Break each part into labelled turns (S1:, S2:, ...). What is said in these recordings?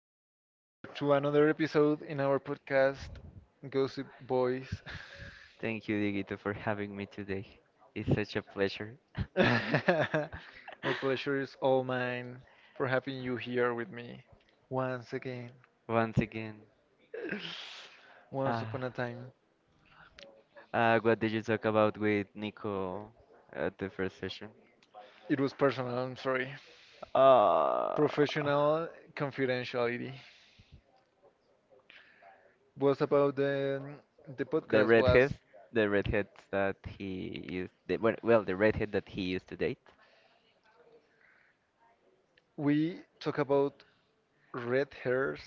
S1: Welcome, George, to another episode in our podcast, Gossip Boys.
S2: Thank you, Digito, for having me today. It's such a pleasure.
S1: The pleasure is all mine for having you here with me once again.
S2: Once again,
S1: Once
S2: uh,
S1: upon a time.
S2: what did you talk about with Nico at the first session?
S1: It was personal, I'm sorry.
S2: Uh,
S1: Professional confidentiality was about the
S2: the
S1: podcast was,
S2: redhead, the redhead that he used, the, well, well, the redhead that he used to date.
S1: we talk about red hairs,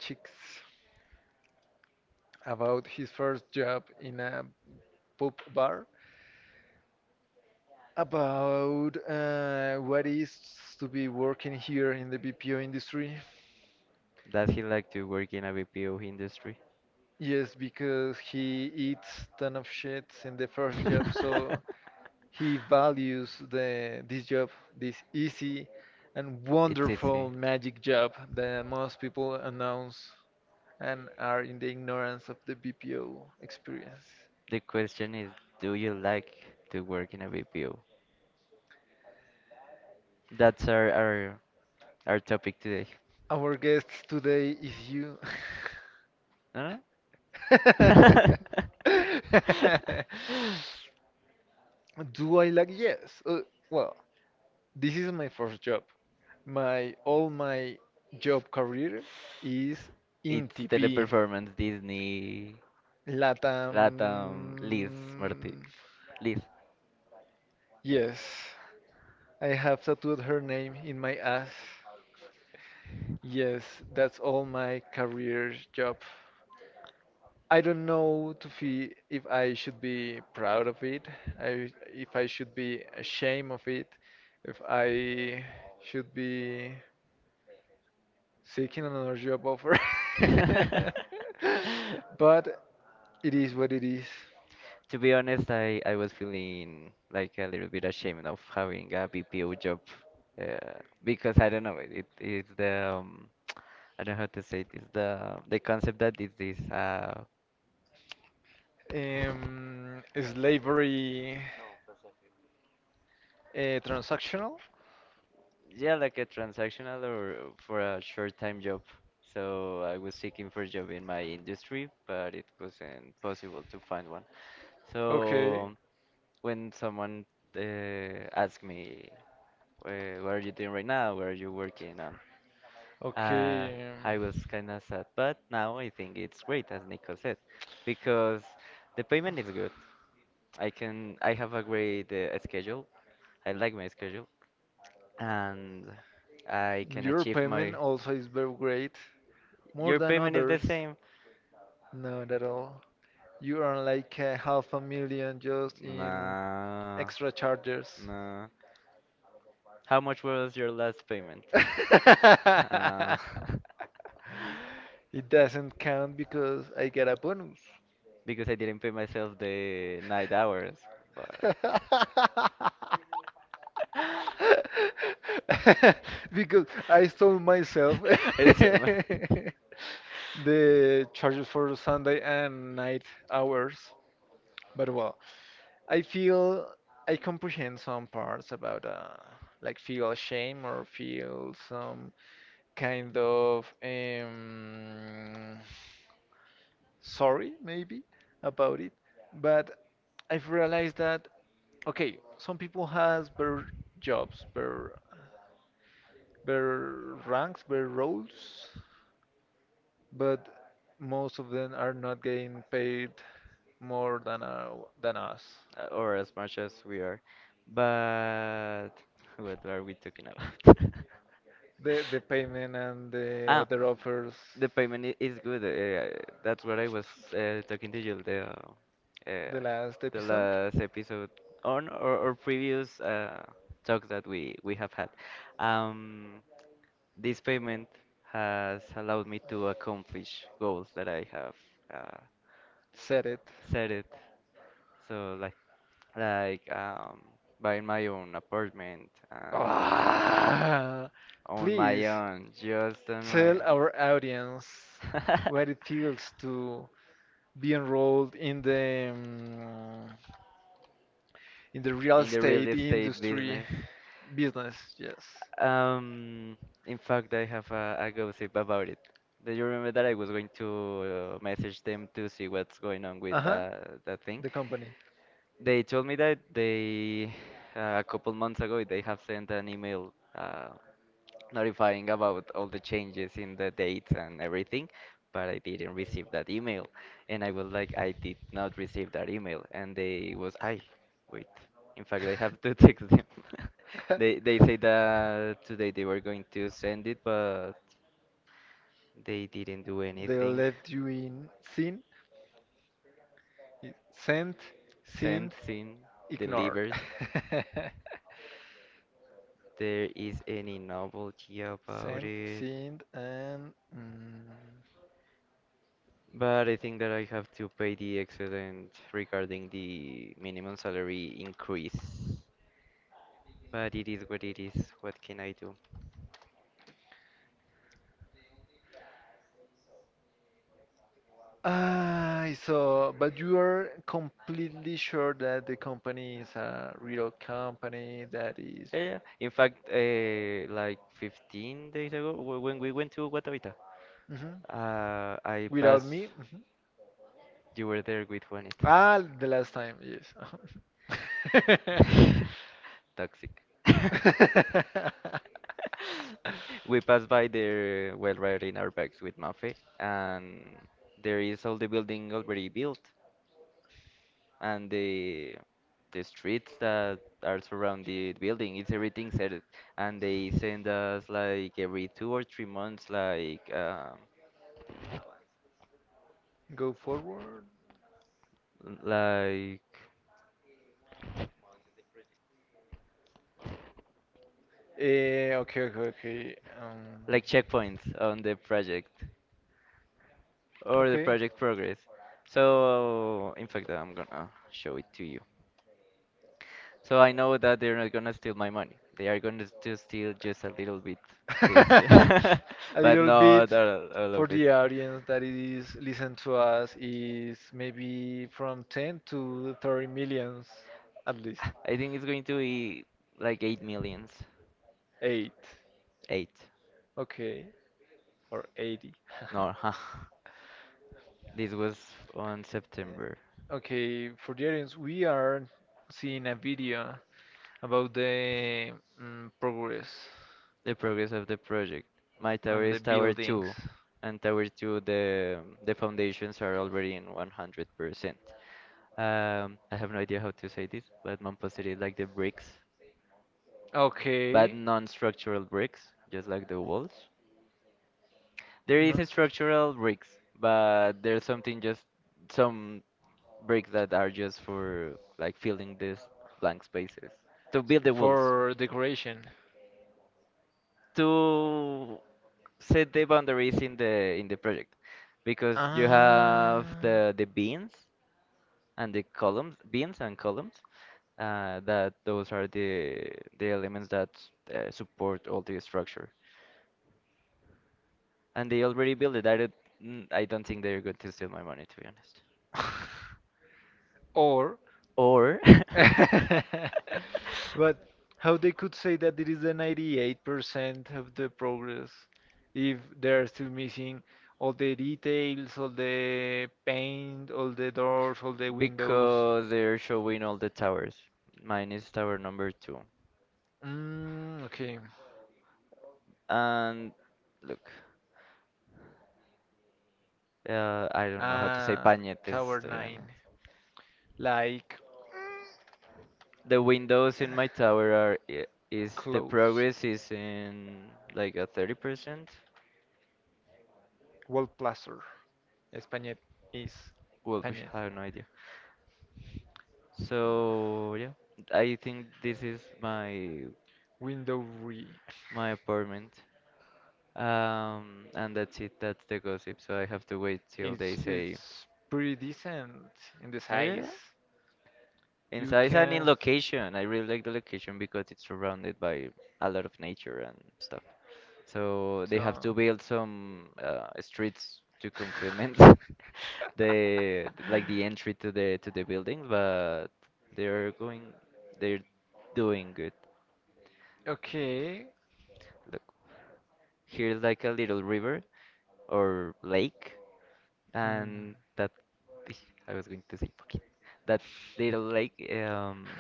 S1: chicks. About his first job in a pub bar, about what is to be working here in the BPO industry.
S2: Does he like to work in a BPO industry?
S1: Yes, because he eats ton of shit in the first job, so he values the this job, this easy and
S2: It's
S1: wonderful
S2: easy.
S1: magic job that most people announce and are in the ignorance of the BPO experience.
S2: The question is, do you like to work in a BPO? That's our topic today.
S1: Our guest today is you.
S2: No? No?
S1: Do I like? Yes. Uh, well, this is my first job. My all my job career is in
S2: It's
S1: TP.
S2: Teleperformance, Disney,
S1: Latam.
S2: Latam, Liz, Marti, Liz.
S1: Yes, I have tattooed her name in my ass. Yes, that's all my career job. I don't know to feel if I should be proud of it, I, if I should be ashamed of it, if I should be seeking another job offer. But it is what it is.
S2: To be honest, I was feeling like a little bit ashamed of having a BPO job uh, because I don't know it is the I don't know how to say it. It's the concept that it is this.
S1: Slavery, transactional?
S2: Yeah, like a transactional or for a short-time job. So I was seeking for a job in my industry, but it wasn't possible to find one.
S1: Okay,
S2: So when someone asked me, What are you doing right now? What are you working on?" Uh,
S1: okay.
S2: I was kind of sad, but now I think it's great, as Nico said, because
S1: um,
S2: the payment is good. I have a great schedule. I like my schedule and I can
S1: Your
S2: achieve
S1: payment
S2: my.
S1: also is very great, more
S2: Your
S1: than
S2: payment is the
S1: others.
S2: same.
S1: Not at all. You earn like a half a million just in
S2: No.
S1: extra charges.
S2: No. How much was your last payment? Uh,
S1: It doesn't count because I get a bonus.
S2: because I didn't pay myself the night hours, but
S1: Because I stole myself
S2: it's so
S1: the charges for Sunday and night
S2: much.
S1: hours. But well, I feel I comprehend some parts about like feel shame or feel some kind of sorry maybe about it, but I've realized that okay, some people has better jobs, better ranks, better roles, but most of them are not getting paid more than us.
S2: Or as much as we are. But what are we talking about?
S1: The payment and the
S2: Ah,
S1: other offers,
S2: the payment is good. That's what I was talking to you the uh,
S1: the last
S2: the
S1: episode
S2: last episode on or previous talks that we have had. Um, this payment has allowed me to accomplish goals that I have uh,
S1: said it.
S2: set it. So like like um buying my own apartment and
S1: ah,
S2: on my
S1: Please
S2: own, just on my
S1: tell our audience
S2: own.
S1: what it feels to be enrolled in the, real
S2: In the real
S1: estate
S2: estate
S1: industry
S2: business.
S1: business, yes.
S2: Um, in fact, I have a gossip about it. Do you remember that I was going to message them to see what's going on with
S1: Uh-huh.
S2: that thing?
S1: The company.
S2: They told me that they a couple months ago they have sent an email notifying about all the changes in the dates and everything, but I didn't receive that email. And I was like, I did not receive that email. And they was, I wait. In fact, I have to text them. They say that today they were going to send it, but they didn't do
S1: They
S2: anything.
S1: left you in sin, sent, sinned,
S2: Sent, seen,
S1: ignored.
S2: delivered. There is any novelty about
S1: Sent,
S2: it?
S1: sinned, and. Mm.
S2: But I think that I have to pay the excedent regarding the minimum salary increase. But it is. What can I do?
S1: Ah, so, but you are completely sure that the company is a real company that is.
S2: Yeah. Yeah. In fact, like 15 days ago, when we went to Guatavita,
S1: Mhm.
S2: I
S1: Without
S2: passed.
S1: me? Mhm.
S2: You were there with Juanita.
S1: Ah, the last time, yes.
S2: Toxic. We passed by there while riding our bikes with Mafe, and there is all the building already built, and the streets that are surround the building, it's everything set, and they send us like every 2 or 3 months, like
S1: Go forward.
S2: like
S1: Okay, okay, okay.
S2: checkpoints on the project. Or the
S1: Okay.
S2: project progress. So, in fact, I'm gonna show it to you. So I know that they're not gonna steal my money. They are going to steal just a little bit this,
S1: A
S2: but
S1: little bit,
S2: not all, all
S1: for
S2: of it.
S1: the audience that is listen to us, is maybe from 10 to 30 millions at least.
S2: I think it's going to be like 8 million.
S1: 8.
S2: Eight.
S1: Okay, or 80.
S2: No, huh. This was on September.
S1: Okay, for the audience, we are seeing a video about the progress
S2: The progress of the project. My tower
S1: on the
S2: is tower
S1: buildings.
S2: 2, and tower 2 the foundations are already in 100%. I have no idea how to say this, but man posted like the bricks,
S1: But
S2: but okay,
S1: okay.
S2: non-structural bricks, just like the walls. There is a
S1: No.
S2: structural bricks, but there's something just some bricks that are just for like filling these blank spaces to build the walls.
S1: For decoration.
S2: To set the boundaries in the project because you have
S1: Ah.
S2: the beans and the columns, beans and columns that those are the elements that support all the structure, and they already build it. I don't, mm, I don't think they're going to steal my money, to be honest.
S1: Or,
S2: Or
S1: but how they could say that it is the 98% of the progress if they're still missing all the details, all the paint, all the doors, all the windows.
S2: because they're showing all the towers. Mine is tower number 2.
S1: Okay,
S2: And look, I don't know how to say pañetes, to be
S1: 9,
S2: honest.
S1: like
S2: The windows in my tower are I- is the progress is in like a 30%.
S1: wall plaster. Español is
S2: Well,
S1: Español.
S2: I have no idea. So yeah, I think this is my
S1: Window re.
S2: my apartment. And that's it. That's the gossip. So I have to wait till they say.
S1: Pretty decent in the
S2: Yeah, yeah,
S1: size.
S2: yeah. In size and in location. I really like the location because it's surrounded by a lot of nature and stuff. So they have
S1: So-
S2: to build some streets to complement, the like the entry to the building, but they're going they're doing good.
S1: okay.
S2: Look, here's like a little river or lake, and that, I was going to say fucking that little lake. Um,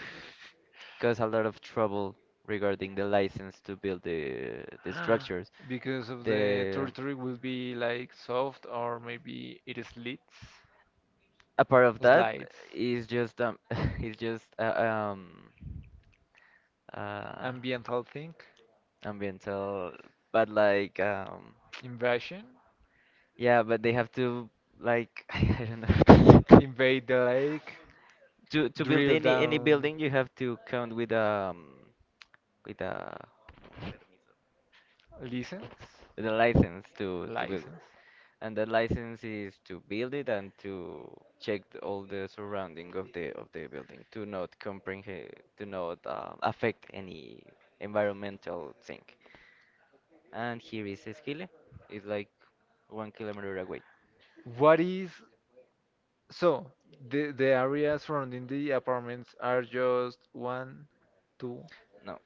S2: cause a lot of trouble regarding the license to build the structures.
S1: Because of the
S2: The
S1: territory will be like soft, or maybe it slides,
S2: a part of that
S1: slides.
S2: is just is just uh
S1: Ambiental thing,
S2: ambiental, but like
S1: invasion,
S2: yeah, but they have to like I don't know.
S1: invade the lake,
S2: To build
S1: drill
S2: any
S1: down, down.
S2: building you have to count with a
S1: License,
S2: the license to build it.
S1: license.
S2: And the license is to build it and to check all the surrounding of the building to not comprehend, to not affect any environmental thing. And here is Esquile. It's like 1 kilometer away.
S1: What is, so the area surrounding the apartments are just one Two.
S2: No,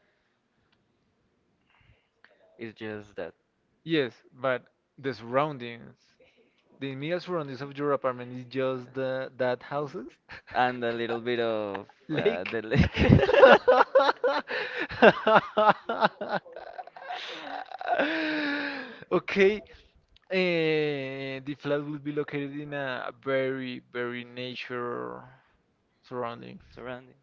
S2: it's just that.
S1: Yes, but the surroundings, the immediate surroundings of your apartment is just the that houses.
S2: And a little bit of
S1: Lake.
S2: the lake.
S1: The lake. Okay, the flat will be located in a very, very nature surrounding.
S2: Surrounding.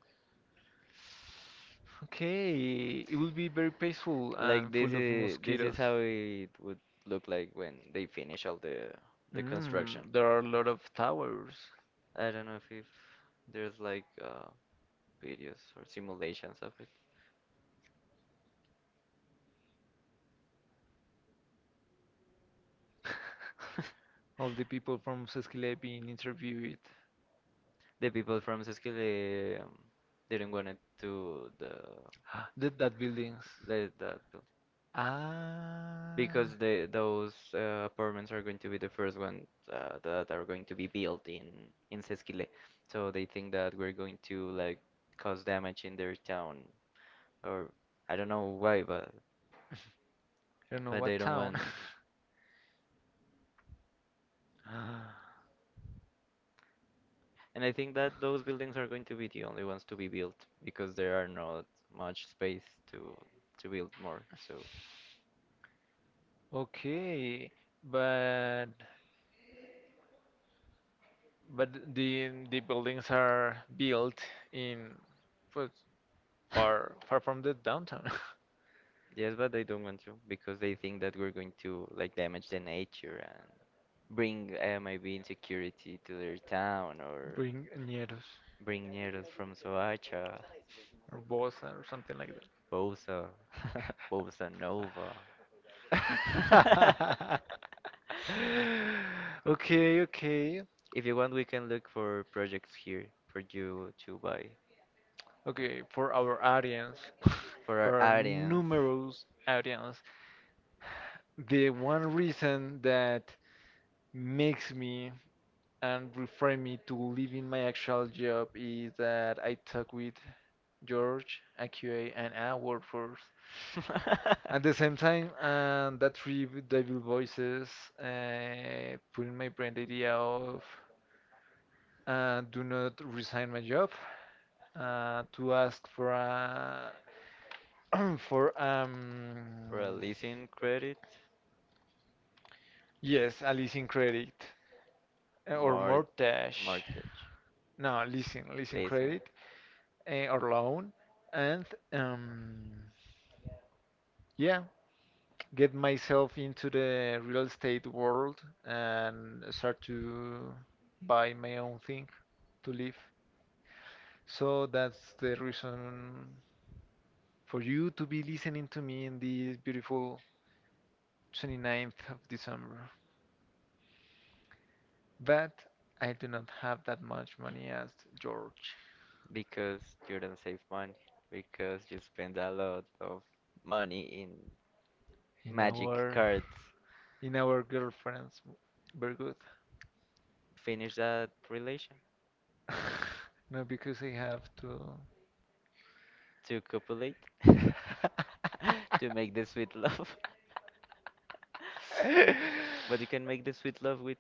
S1: Okay, it will be very peaceful. Like,
S2: Like,
S1: and
S2: this
S1: full of
S2: is
S1: mosquitoes.
S2: how it would look like when they finish all the construction.
S1: There are a lot of towers.
S2: I don't know if, there's like videos or simulations of it.
S1: All the people from Saskia being interviewed.
S2: The people from Seskele didn't want it to the
S1: Did that buildings.
S2: let that.
S1: Ah,
S2: Because the those apartments are going to be the first one that are going to be built in Sesquile, so they think that we're going to like cause damage in their town, or I don't know why, but
S1: I don't know
S2: they
S1: what
S2: don't want.
S1: town.
S2: And I think that those buildings are going to be the only ones to be built because there are not much space to to build more. So
S1: Want. Okay, but but the buildings are built in pues, far far from the downtown.
S2: yes, but they don't want to because they think that we're going to like damage the nature and bring maybe insecurity to their town, or
S1: Bring near,
S2: bring negros from Soacha,
S1: or Bosa or something like that.
S2: Bosa, Bosa Nova.
S1: Okay, okay,
S2: If you want, we can look for projects here for you to buy,
S1: okay. For our audience,
S2: for our
S1: for our
S2: audience.
S1: numerous audience, the one reason that makes me and refrain me to leaving my actual job is that I talk with George, AQA, and our workforce. At the same time, and that three devil voices put in my brain the idea of, do not resign my job, to ask for a for,
S2: For a leasing credit,
S1: yes, a leasing credit, or
S2: mort
S1: mortgage.
S2: mortgage.
S1: No, leasing
S2: Leasing.
S1: credit, or loan, and um, yeah, get myself into the real estate world and start to buy my own thing to live. So that's the reason for you to be listening to me in this beautiful 29th of December. But I do not have that much money as George.
S2: Because you don't save money. Because you spend a lot of money in
S1: in
S2: magic
S1: our
S2: cards.
S1: in our girlfriends. Very good.
S2: Finish that relation.
S1: No, because I have to.
S2: To copulate. To make the sweet
S1: To.
S2: love. But you can make the sweet love with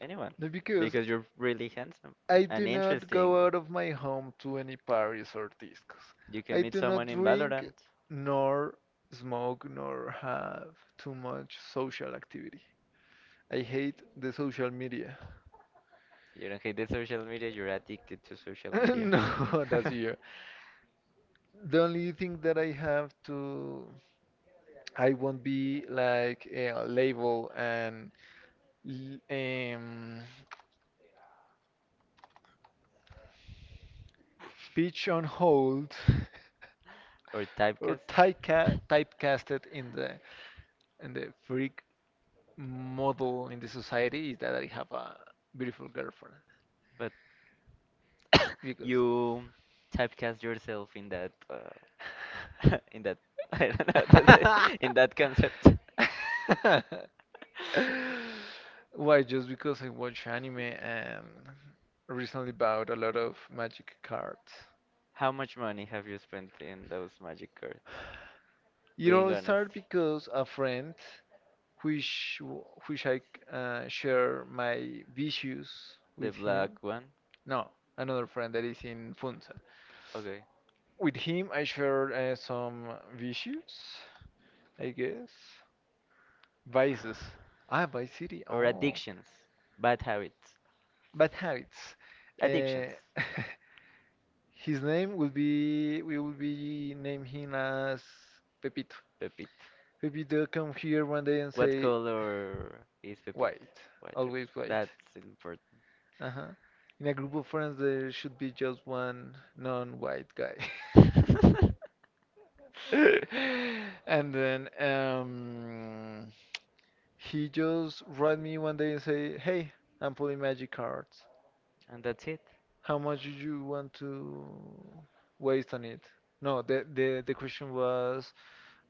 S2: anyone.
S1: No, because
S2: Because you're really handsome
S1: I do
S2: and
S1: not
S2: interesting.
S1: go out of my home to any parties or discos.
S2: You can
S1: I
S2: meet
S1: do not
S2: someone in
S1: drink,
S2: Valorant.
S1: nor smoke, nor have too much social activity. I hate the social media.
S2: You don't hate the social media, you're addicted to social media.
S1: No, that's you. The only thing that I have to, I won't be like a label and l- um, pitch on hold,
S2: Or
S1: or
S2: typecast.
S1: typecasted in the. And the freak model in the society is that I have a beautiful girlfriend.
S2: But
S1: Because.
S2: you typecast yourself in that in that, I don't know how to say, in that concept.
S1: Concept. Why? Just because I watch anime and recently bought a lot of magic cards.
S2: How much money have you spent in those magic cards?
S1: It
S2: Being
S1: all started
S2: honest.
S1: because a friend, which which I share my views
S2: The
S1: with him.
S2: black one?
S1: No, another friend that is in Funza.
S2: Okay.
S1: With him, I shared some vicious, I guess, vices. Ah, Vice City. Oh,
S2: Or addictions. Bad habits.
S1: bad habits. Uh,
S2: Addictions.
S1: his name will be. We will be name him as Pepito. Pepito come here one day and
S2: What
S1: say,
S2: color is
S1: "Wait,
S2: Pepito? White. Okay.
S1: always wait."
S2: That's important.
S1: Uh-huh. In a group of friends, there should be just one non-white guy. And then, he just write me one day and say, "Hey, I'm pulling magic cards.
S2: And that's it.
S1: How much do you want to waste on it?" No, the question was,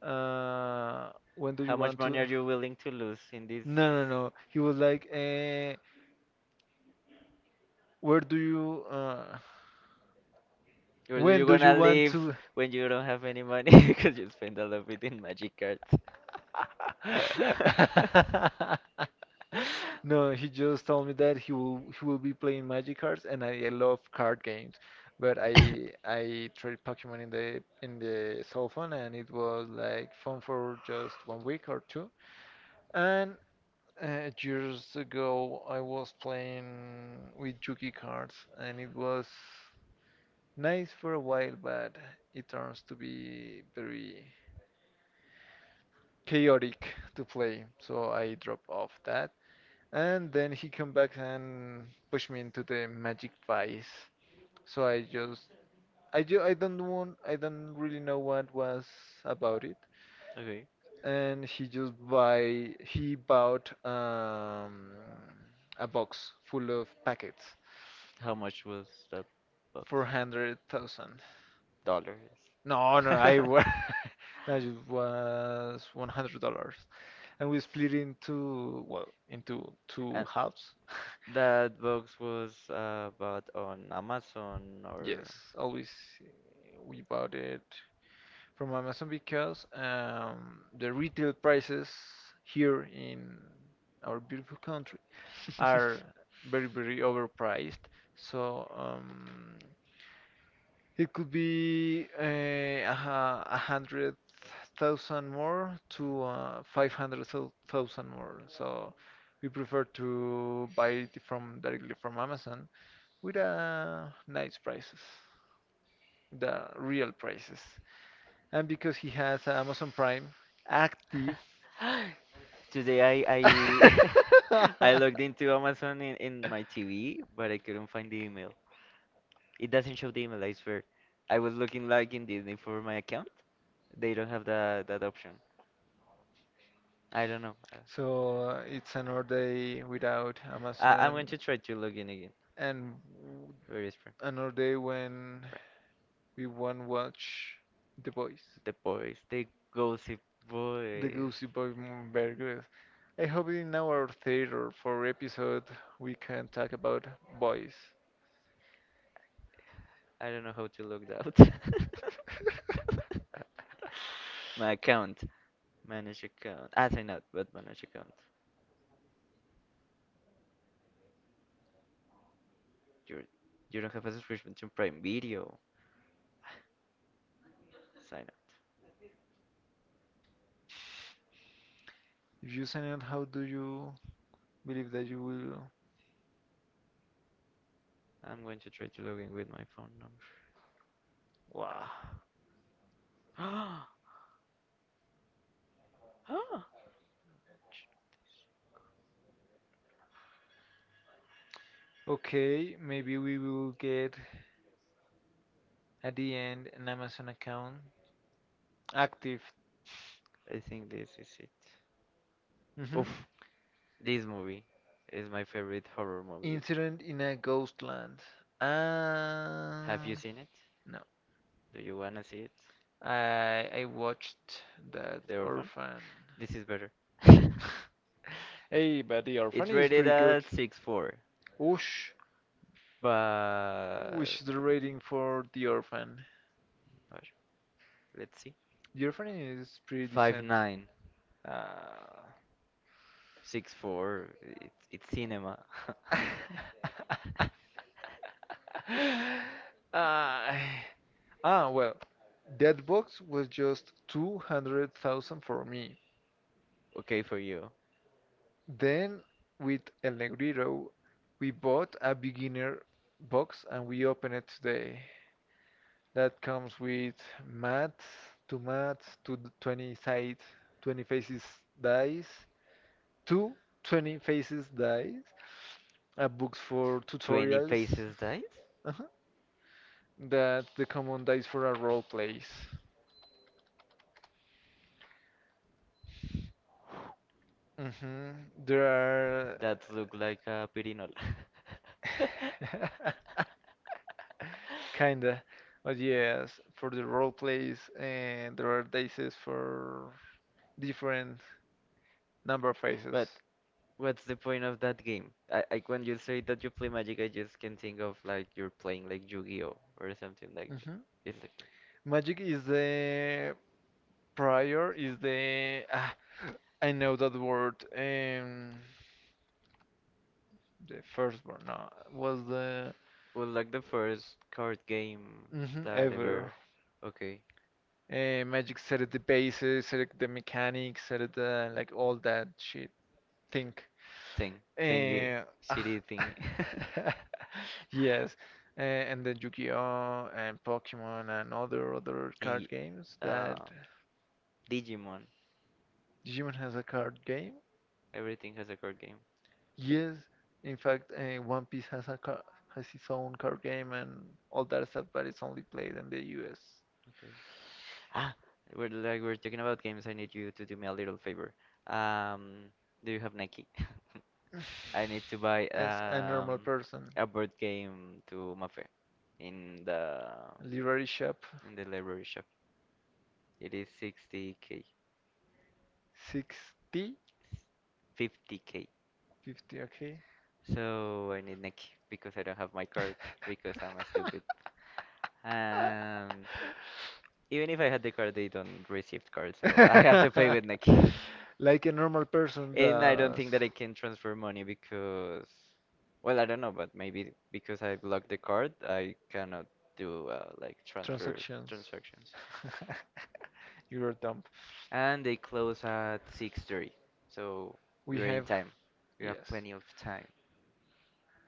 S1: when do
S2: How
S1: you
S2: much
S1: want to?
S2: money are you willing to lose in this?
S1: No, no, no. He was like, "Where do you?
S2: Or do
S1: When
S2: you
S1: do you
S2: gonna
S1: want
S2: live
S1: to?"
S2: when you don't have any money, because you spend all of it in magic cards?
S1: No, he just told me that he will be playing Magic cards, and I love card games. But I tried Pokemon in the cell phone, and it was like fun for just one week or two. And years ago, I was playing with Yugi cards, and it was nice for a while, but it turns to be very chaotic to play, so I drop off that. And then he come back and push me into the magic vice. So I just I ju I don't want I don't really know what was about it.
S2: Okay.
S1: And he just buy he bought a box full of packets
S2: How much was that box?
S1: for 100,000.
S2: Dollars.
S1: No, no, no, it was $100, and we split into, well, into two
S2: And
S1: halves.
S2: that box was bought on Amazon or
S1: Yes, always, uh, we bought it from Amazon because, the retail prices here in our beautiful country are very very overpriced. So, it could be, a hundred thousand more to, 500,000 more. So we prefer to buy it from directly from Amazon with, nice prices, the real prices. And because he has Amazon Prime active,
S2: today I I logged into Amazon in, my TV, but I couldn't find the email. It doesn't show the email, I swear. I was looking like in Disney for my account. They don't have that option. I don't know. Uh,
S1: so, it's another day without
S2: I, I'm going
S1: Amazon,
S2: to try to log in again.
S1: and
S2: Where is Fran?
S1: another day when
S2: Fran.
S1: we won't watch The Boys.
S2: The boys, the gossip
S1: The
S2: boys.
S1: Goosey Boy, very good. I hope in our third or fourth episode we can talk about boys.
S2: I don't know how to log out. My account. Manage account. Ah, sign up. But manage account. You're, you you do not have a subscription to Prime Video. Sign up.
S1: If you sign it, how do you believe that you will?
S2: I'm going to try to log in with my phone number.
S1: Wow.
S2: Ah. Ah.
S1: Okay, maybe we will get at the end an Amazon account active.
S2: I think this is it.
S1: Hmm.
S2: Oof, this movie is my favorite horror movie.
S1: Incident in a Ghostland. Have
S2: Have you seen it?
S1: No.
S2: Do you wanna see it?
S1: I watched that
S2: The
S1: Orphan.
S2: This is better.
S1: Orphan. Hey, but the It's
S2: It's
S1: Orphan is
S2: rated
S1: pretty good.
S2: at 6.4.
S1: Whoosh. But
S2: but Which
S1: which is the rating for the Orphan?
S2: Let's see.
S1: The Orphan is pretty five
S2: Five
S1: decent.
S2: nine
S1: 5.9.
S2: six four. It's cinema.
S1: Ah, well, that box was just 200,000 for me.
S2: Okay for you.
S1: Then with El Negrito, we bought a beginner box and we open it today. That comes with math, two maths, 20 side, 20 faces dice, two 20 faces dice, a book
S2: 20
S1: for tutorials.
S2: faces dice.
S1: Uh-huh. That the common dice for a role plays. Hmm. There
S2: That look like a pirinol.
S1: like are, kinda. But yes, for the role plays, and there are dices for different number of phases.
S2: But what's the point of that game? I When you say that you play Magic, I just can think of like you're playing like Yu-Gi-Oh or something like that.
S1: Hmm.
S2: It's like that.
S1: Magic is the, I know that word. The first one, no, was the.
S2: Well, like the first card game
S1: Mhm,
S2: that
S1: ever.
S2: ever, okay,
S1: Magic set the bases, set the mechanics, set the, like, all that shit. Think.
S2: thing, thingy,
S1: Uh, ah.
S2: shitty thingy.
S1: Yes, and then Yu-Gi-Oh and Pokemon and other
S2: And
S1: card
S2: y-
S1: games that,
S2: uh, Digimon.
S1: Digimon has a card game.
S2: Everything has a card game.
S1: Yes, in fact, One Piece has a car has its own card game and all that stuff, but it's only played in the U.S.
S2: Okay. Ah, we're like we're talking about games. I need you to do me a little favor. Um, do you have Nike? I need to buy
S1: As a normal person.
S2: a board game to Mafe in the
S1: Library shop,
S2: in the library shop. It is 60k,
S1: sixty
S2: 50k.
S1: fifty, okay.
S2: So I need Neki because I don't have my card because I'm a stupid. And even if I had the card, they don't receive card, so I have to pay
S1: Year.
S2: with Neki.
S1: Like a normal person
S2: And I don't
S1: does
S2: think that I
S1: think.
S2: can transfer money because, well, I don't know, but maybe because I blocked the card, I cannot do like transfer
S1: Transactions.
S2: transactions.
S1: Transactions. You're dumb.
S2: And they close at 6:30. So
S1: We
S2: we're in
S1: have,
S2: time. We have
S1: yes.
S2: plenty of time,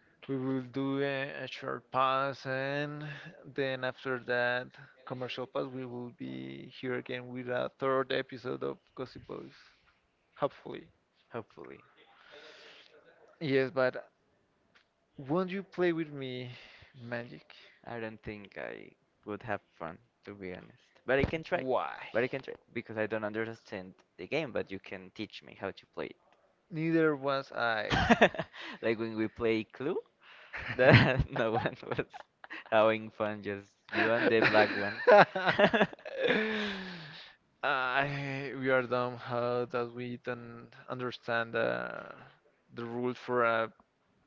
S1: Time. We will do a short pause, and then after that commercial pause, we will be here again with a third episode of Gossip Boys. Hopefully.
S2: hopefully.
S1: Yes, but won't you play with me, Magic?
S2: I don't think I would have fun, to be honest. But I can try.
S1: Why?
S2: But I can try because I don't understand the game, but you can teach me how to play it.
S1: Neither was I.
S2: Like when we play Clue, that no one was having fun, just you and the black one.
S1: I we are dumb how that we don't understand the rules for a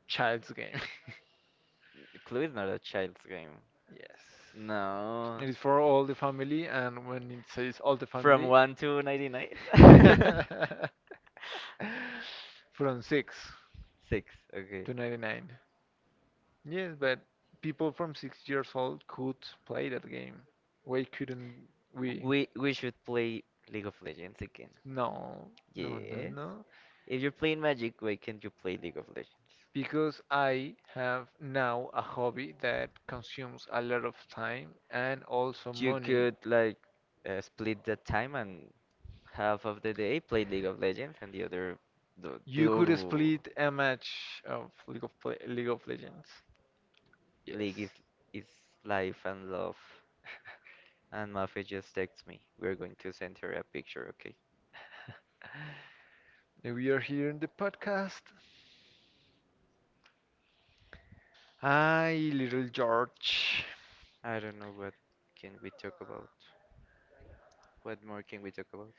S1: child's game.
S2: Clue is not a child's game.
S1: yes.
S2: No.
S1: It is for all the family, and when it says all the
S2: From
S1: family,
S2: 1 to 99?
S1: from 6
S2: 6, okay.
S1: to 99. Yes, but people from 6 years old could play that game. Why couldn't we?
S2: We should play League of Legends again.
S1: No, no, no,
S2: Yes.
S1: no.
S2: If you're playing Magic, why can't you play League of Legends?
S1: Because I have now a hobby that consumes a lot of time and also
S2: You
S1: money.
S2: could like split the time and half of the day play League of Legends and the other do
S1: You could
S2: do
S1: split a match of League of Legends.
S2: League is,
S1: Yes.
S2: is life and love. And Mafe just texts me. We're going to send her a picture, okay?
S1: Now we are here in the podcast. Hi, little George.
S2: I don't know what can we talk about. What more can we talk about?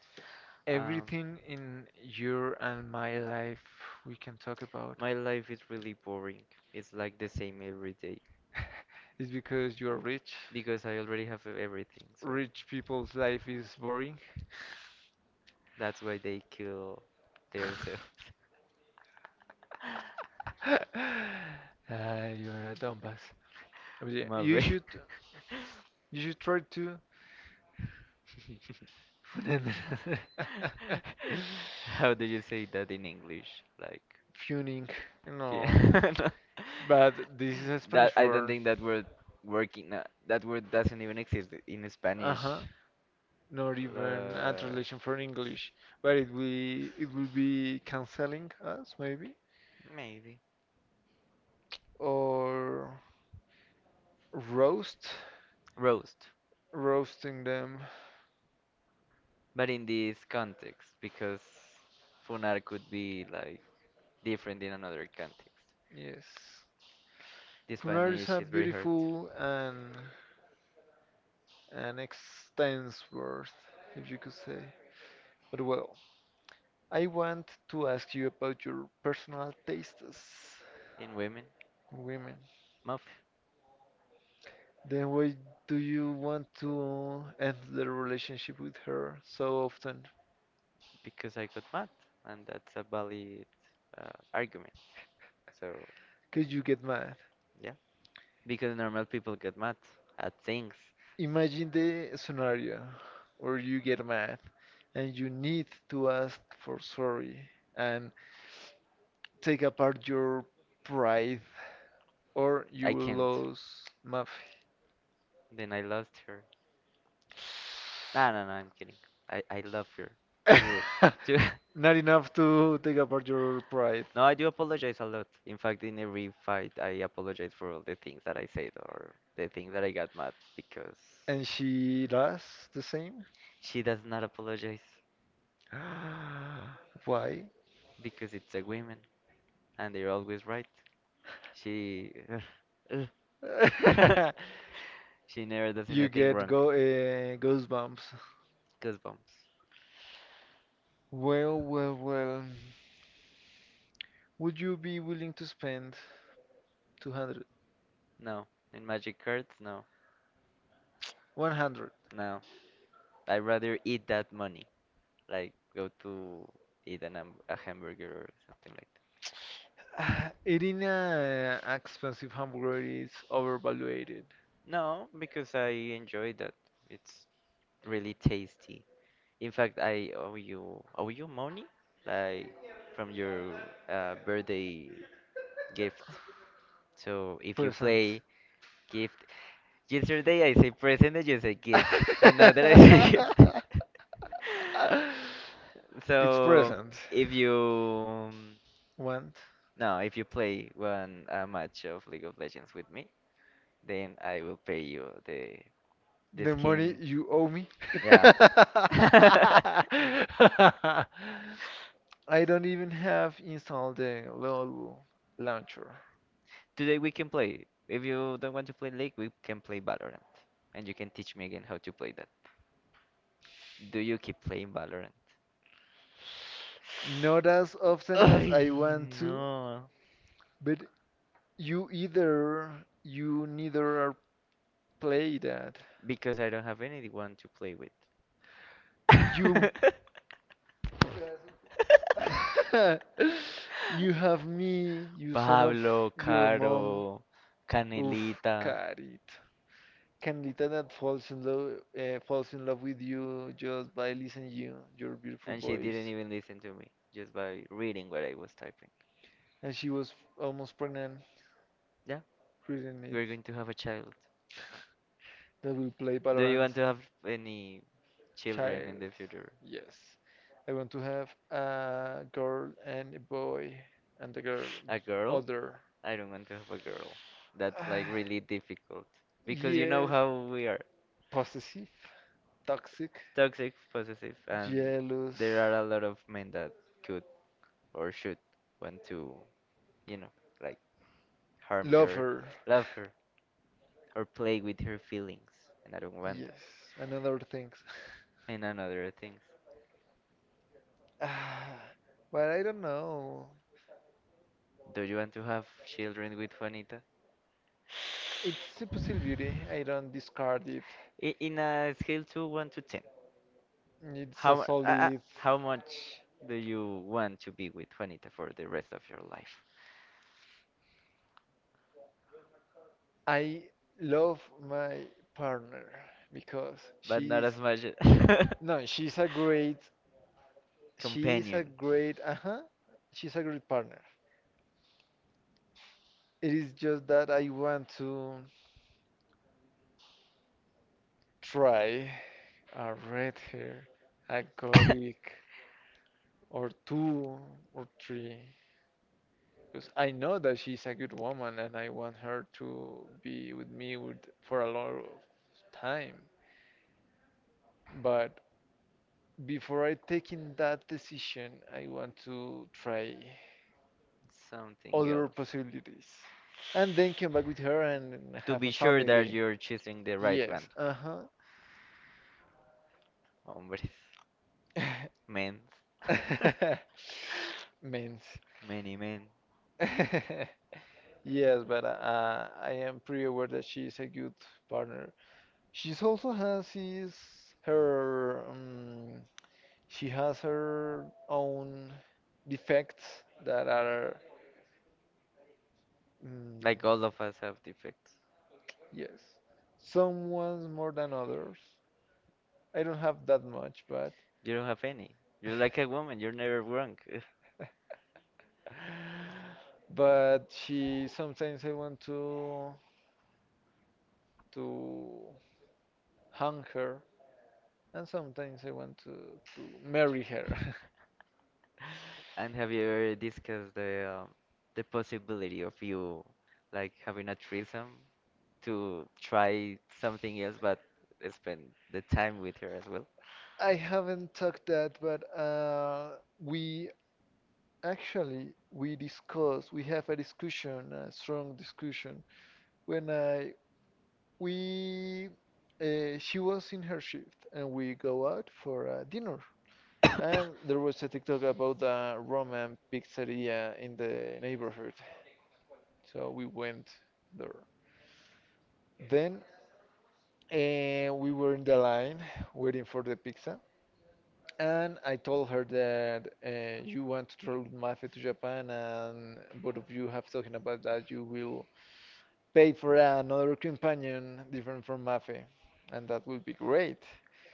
S2: Um,
S1: Everything in your and my life we can talk about.
S2: my life is really boring. It's like the same every day
S1: It's because you're rich.
S2: because I already have everything. So
S1: Rich people's life is boring.
S2: that's why they kill themselves.
S1: Ah, you're a dumbass. But yeah, you
S2: Mafe.
S1: should you should try to
S2: How do you say that in English? Like.
S1: Funing. No,
S2: Yeah.
S1: but this is a
S2: That
S1: Spanish
S2: I don't
S1: word.
S2: think that word working that word doesn't even exist in Spanish.
S1: Uh-huh. Not even a
S2: La-
S1: translation for English, but it will be canceling us, maybe,
S2: maybe
S1: or roast.
S2: roast,
S1: Roasting them.
S2: but in this context because funar could be like different in another context.
S1: Yes.
S2: The
S1: Punar is
S2: Spanish
S1: a
S2: is very hard
S1: beautiful and an extensive word, if you could say. But well, I want to ask you about your personal tastes,
S2: in women,
S1: women.
S2: muff,
S1: Then why do you want to end the relationship with her so often?
S2: because I got mad, and that's a valid argument. So
S1: Could you get mad?
S2: yeah. Because normal people get mad at things.
S1: Imagine the scenario where you get mad and you need to ask for sorry and take apart your pride, or you
S2: I
S1: will
S2: can't.
S1: lose Muffy.
S2: Then I lost her. No, no, no, I'm kidding. I love her. Too. Too.
S1: Not enough to take apart your pride.
S2: No, I do apologize a lot. In fact, in every fight, I apologize for all the things that I said or the things that I got mad because
S1: And she does the same?
S2: she does not apologize
S1: Why?
S2: because it's a woman and they're always right. She. She never does
S1: you
S2: anything
S1: get
S2: wrong.
S1: go goosebumps.
S2: Goosebumps.
S1: Well, well, well. Would you be willing to spend 200?
S2: No. And magic cards? No.
S1: 100.
S2: No. I'd rather eat that money. Like go to eat a hamburger or something like
S1: Eating an expensive hamburger is overvaluated.
S2: that. No, because I enjoy that. It's really tasty. In fact, I owe you money like from your birthday gift. So if you
S1: Present.
S2: play gift. Yesterday I say present and you say gift, and now that I say gift.
S1: It's
S2: So
S1: present.
S2: if you
S1: Want
S2: no, if you play one a match of League of Legends with me, then I will pay you the
S1: the money
S2: skin.
S1: you owe me?
S2: Yeah.
S1: I don't even have installed the LOL launcher.
S2: Today we can play. If you don't want to play League, we can play Valorant, and you can teach me again how to play that. Do you keep playing Valorant?
S1: Not as often as I
S2: Ay,
S1: want to,
S2: no.
S1: but you either, you neither are play that.
S2: Because I don't have anyone to play with.
S1: You, you have me, you son of
S2: Pablo,
S1: your mom.
S2: Caro,
S1: Oof,
S2: Canelita,
S1: carit. Canlita that falls in love, falls in love with you just by listening you your beautiful
S2: and she didn't
S1: voice.
S2: even listen to me just by reading what I was typing.
S1: And she was almost pregnant
S2: Yeah,
S1: reading it.
S2: we're going to have a child.
S1: That will play
S2: Do you
S1: Valorant.
S2: want to have any children in the
S1: Child,
S2: future?
S1: yes. I want to have a girl and a boy, and the girl
S2: A girl?
S1: older.
S2: I don't want to have a girl. That's like
S1: Ah,
S2: really difficult because you know
S1: yes,
S2: how we are.
S1: possessive, toxic,
S2: Toxic, possessive, and
S1: jealous,
S2: there are a lot of men that could or should want to, you know, like harm her,
S1: lover.
S2: love her, or play with her feelings. And I don't want that.
S1: Yes, and other things.
S2: And another things.
S1: Ah, but I don't know.
S2: Do you want to have children with Juanita?
S1: It's a possibility. I don't discard it.
S2: I- In a scale to 1 to 10,
S1: It's a solid.
S2: how much do you want to be with Juanita for the rest of your life?
S1: I love my partner because
S2: But not
S1: she's
S2: as much.
S1: no, she's
S2: Companion,
S1: a great, uh-huh, she's a great partner. It is just that I want to try a red hair, a gothic, or two or three. Because I know that she's a good woman and I want her to be with me with, for a lot of time. But before I taking that decision, I want to try
S2: something
S1: other
S2: else.
S1: possibilities. And then come back with her and
S2: To
S1: have
S2: be
S1: a
S2: sure that
S1: family.
S2: you're choosing the right
S1: Yes,
S2: one.
S1: uh-huh.
S2: Hombres, men,
S1: Means.
S2: many men.
S1: Yes, but I am pretty aware that she is a good partner. She's also has his her she has her own defects that are, mm,
S2: Like all of us have defects.
S1: yes. Some ones more than others. I don't have that much, but
S2: You don't have any. You're like a woman. You're never wrong.
S1: but she sometimes I want to to hang her, and sometimes I want to marry her.
S2: And have you ever discussed the possibility of you like having a threesome to try something else, but spend the time with her as well?
S1: I haven't talked that, but we actually we discuss, we have a discussion, a strong discussion when I we she was in her shift and we go out for dinner. And there was a TikTok about a Roman pizzeria in the neighborhood. So we went there. Then we were in the line waiting for the pizza. And I told her that you want to travel with Mafe to Japan, and both of you have talking about that you will pay for another companion different from Mafe, and that will be great.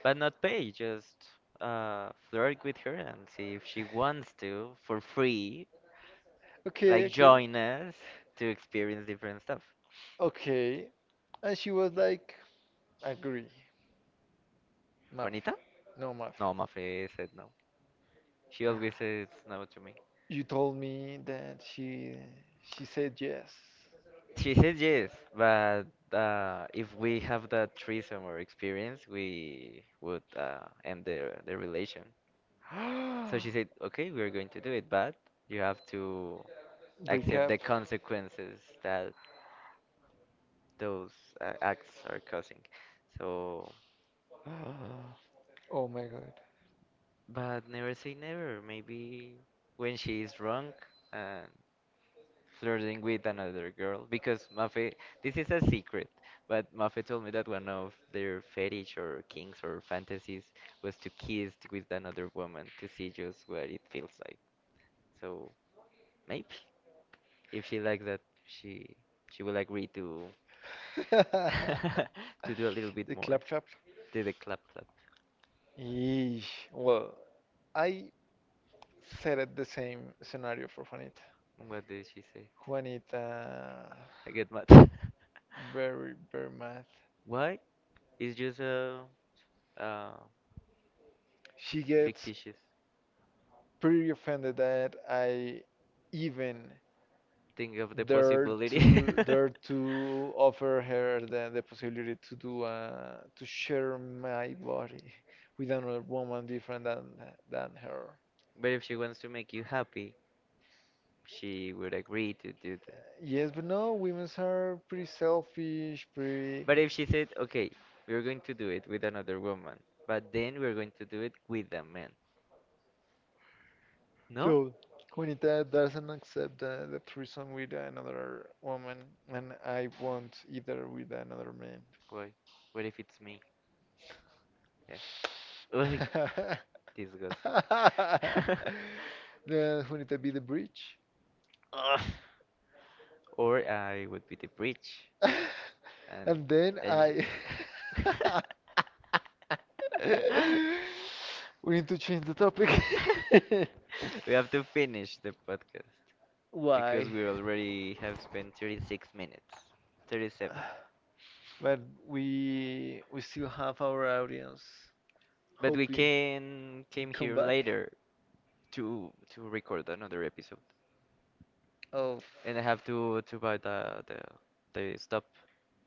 S2: But not pay, just flirt with her and see if she wants to for free,
S1: Okay,
S2: like
S1: okay,
S2: join us to experience different stuff.
S1: okay. And she was like, agree, Mafe,
S2: Juanita?
S1: no Mafe.
S2: No, Mafe said no. She always says no to me.
S1: You told me that she said yes.
S2: She said yes, but if we have that threesome or experience, we would end the relation. So she said, okay, we're going to do it, but you have to
S1: Break
S2: accept
S1: up.
S2: the consequences that those acts are causing. So,
S1: Oh my god.
S2: but never say never. Maybe when she is drunk and flirting with another girl, because Mafe, this is a secret, but Mafe told me that one of their fetish or kinks or fantasies was to kiss with another woman to see just what it feels like. So, maybe. If she likes that, she will agree to to do a little bit
S1: The
S2: more.
S1: clap clap.
S2: Did a clap clap.
S1: Yeesh. Well, I set it the same scenario for Juanita.
S2: What did she say?
S1: Juanita,
S2: I get mad.
S1: very, very mad.
S2: Why? It's just a
S1: She gets
S2: fictitious
S1: pretty offended that I even
S2: thing of the
S1: there
S2: possibility.
S1: to there to offer her the possibility to do to share my body with another woman different than her.
S2: But if she wants to make you happy, she would agree to do that.
S1: Yes, but no, women are pretty selfish, pretty.
S2: But if she said, okay, we're going to do it with another woman, but then we're going to do it with a man. No?
S1: So when it doesn't accept the threesome with another woman, and I won't either with another man.
S2: Why? What if it's me? Yeah. Ugh, disgusting.
S1: Then when it be the bridge.
S2: Ugh. Or I would be the bridge. And,
S1: And then
S2: and
S1: I
S2: she…
S1: we need to change the topic.
S2: We have to finish the podcast because
S1: Why?
S2: we already have spent 36 minutes, 37.
S1: But we still have our audience, but we
S2: But we
S1: hoping
S2: can
S1: can
S2: came
S1: come
S2: here
S1: back.
S2: later to record another episode,
S1: Oh.
S2: and I have to buy the stop.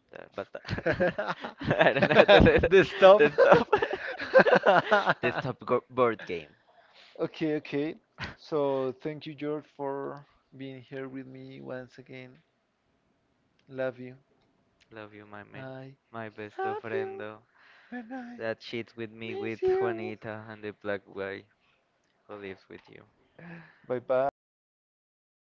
S2: The basta.
S1: f-
S2: I don't know how to say that.
S1: the stop.
S2: The stop. The board game.
S1: Okay, okay. So thank you, George, for being here with me once again. Love you.
S2: Love you, my man,
S1: I
S2: my best of
S1: love you,
S2: friendo.
S1: when I
S2: That shit with me with
S1: miss you.
S2: Juanita and the black guy. Who lives with you
S1: Bye bye.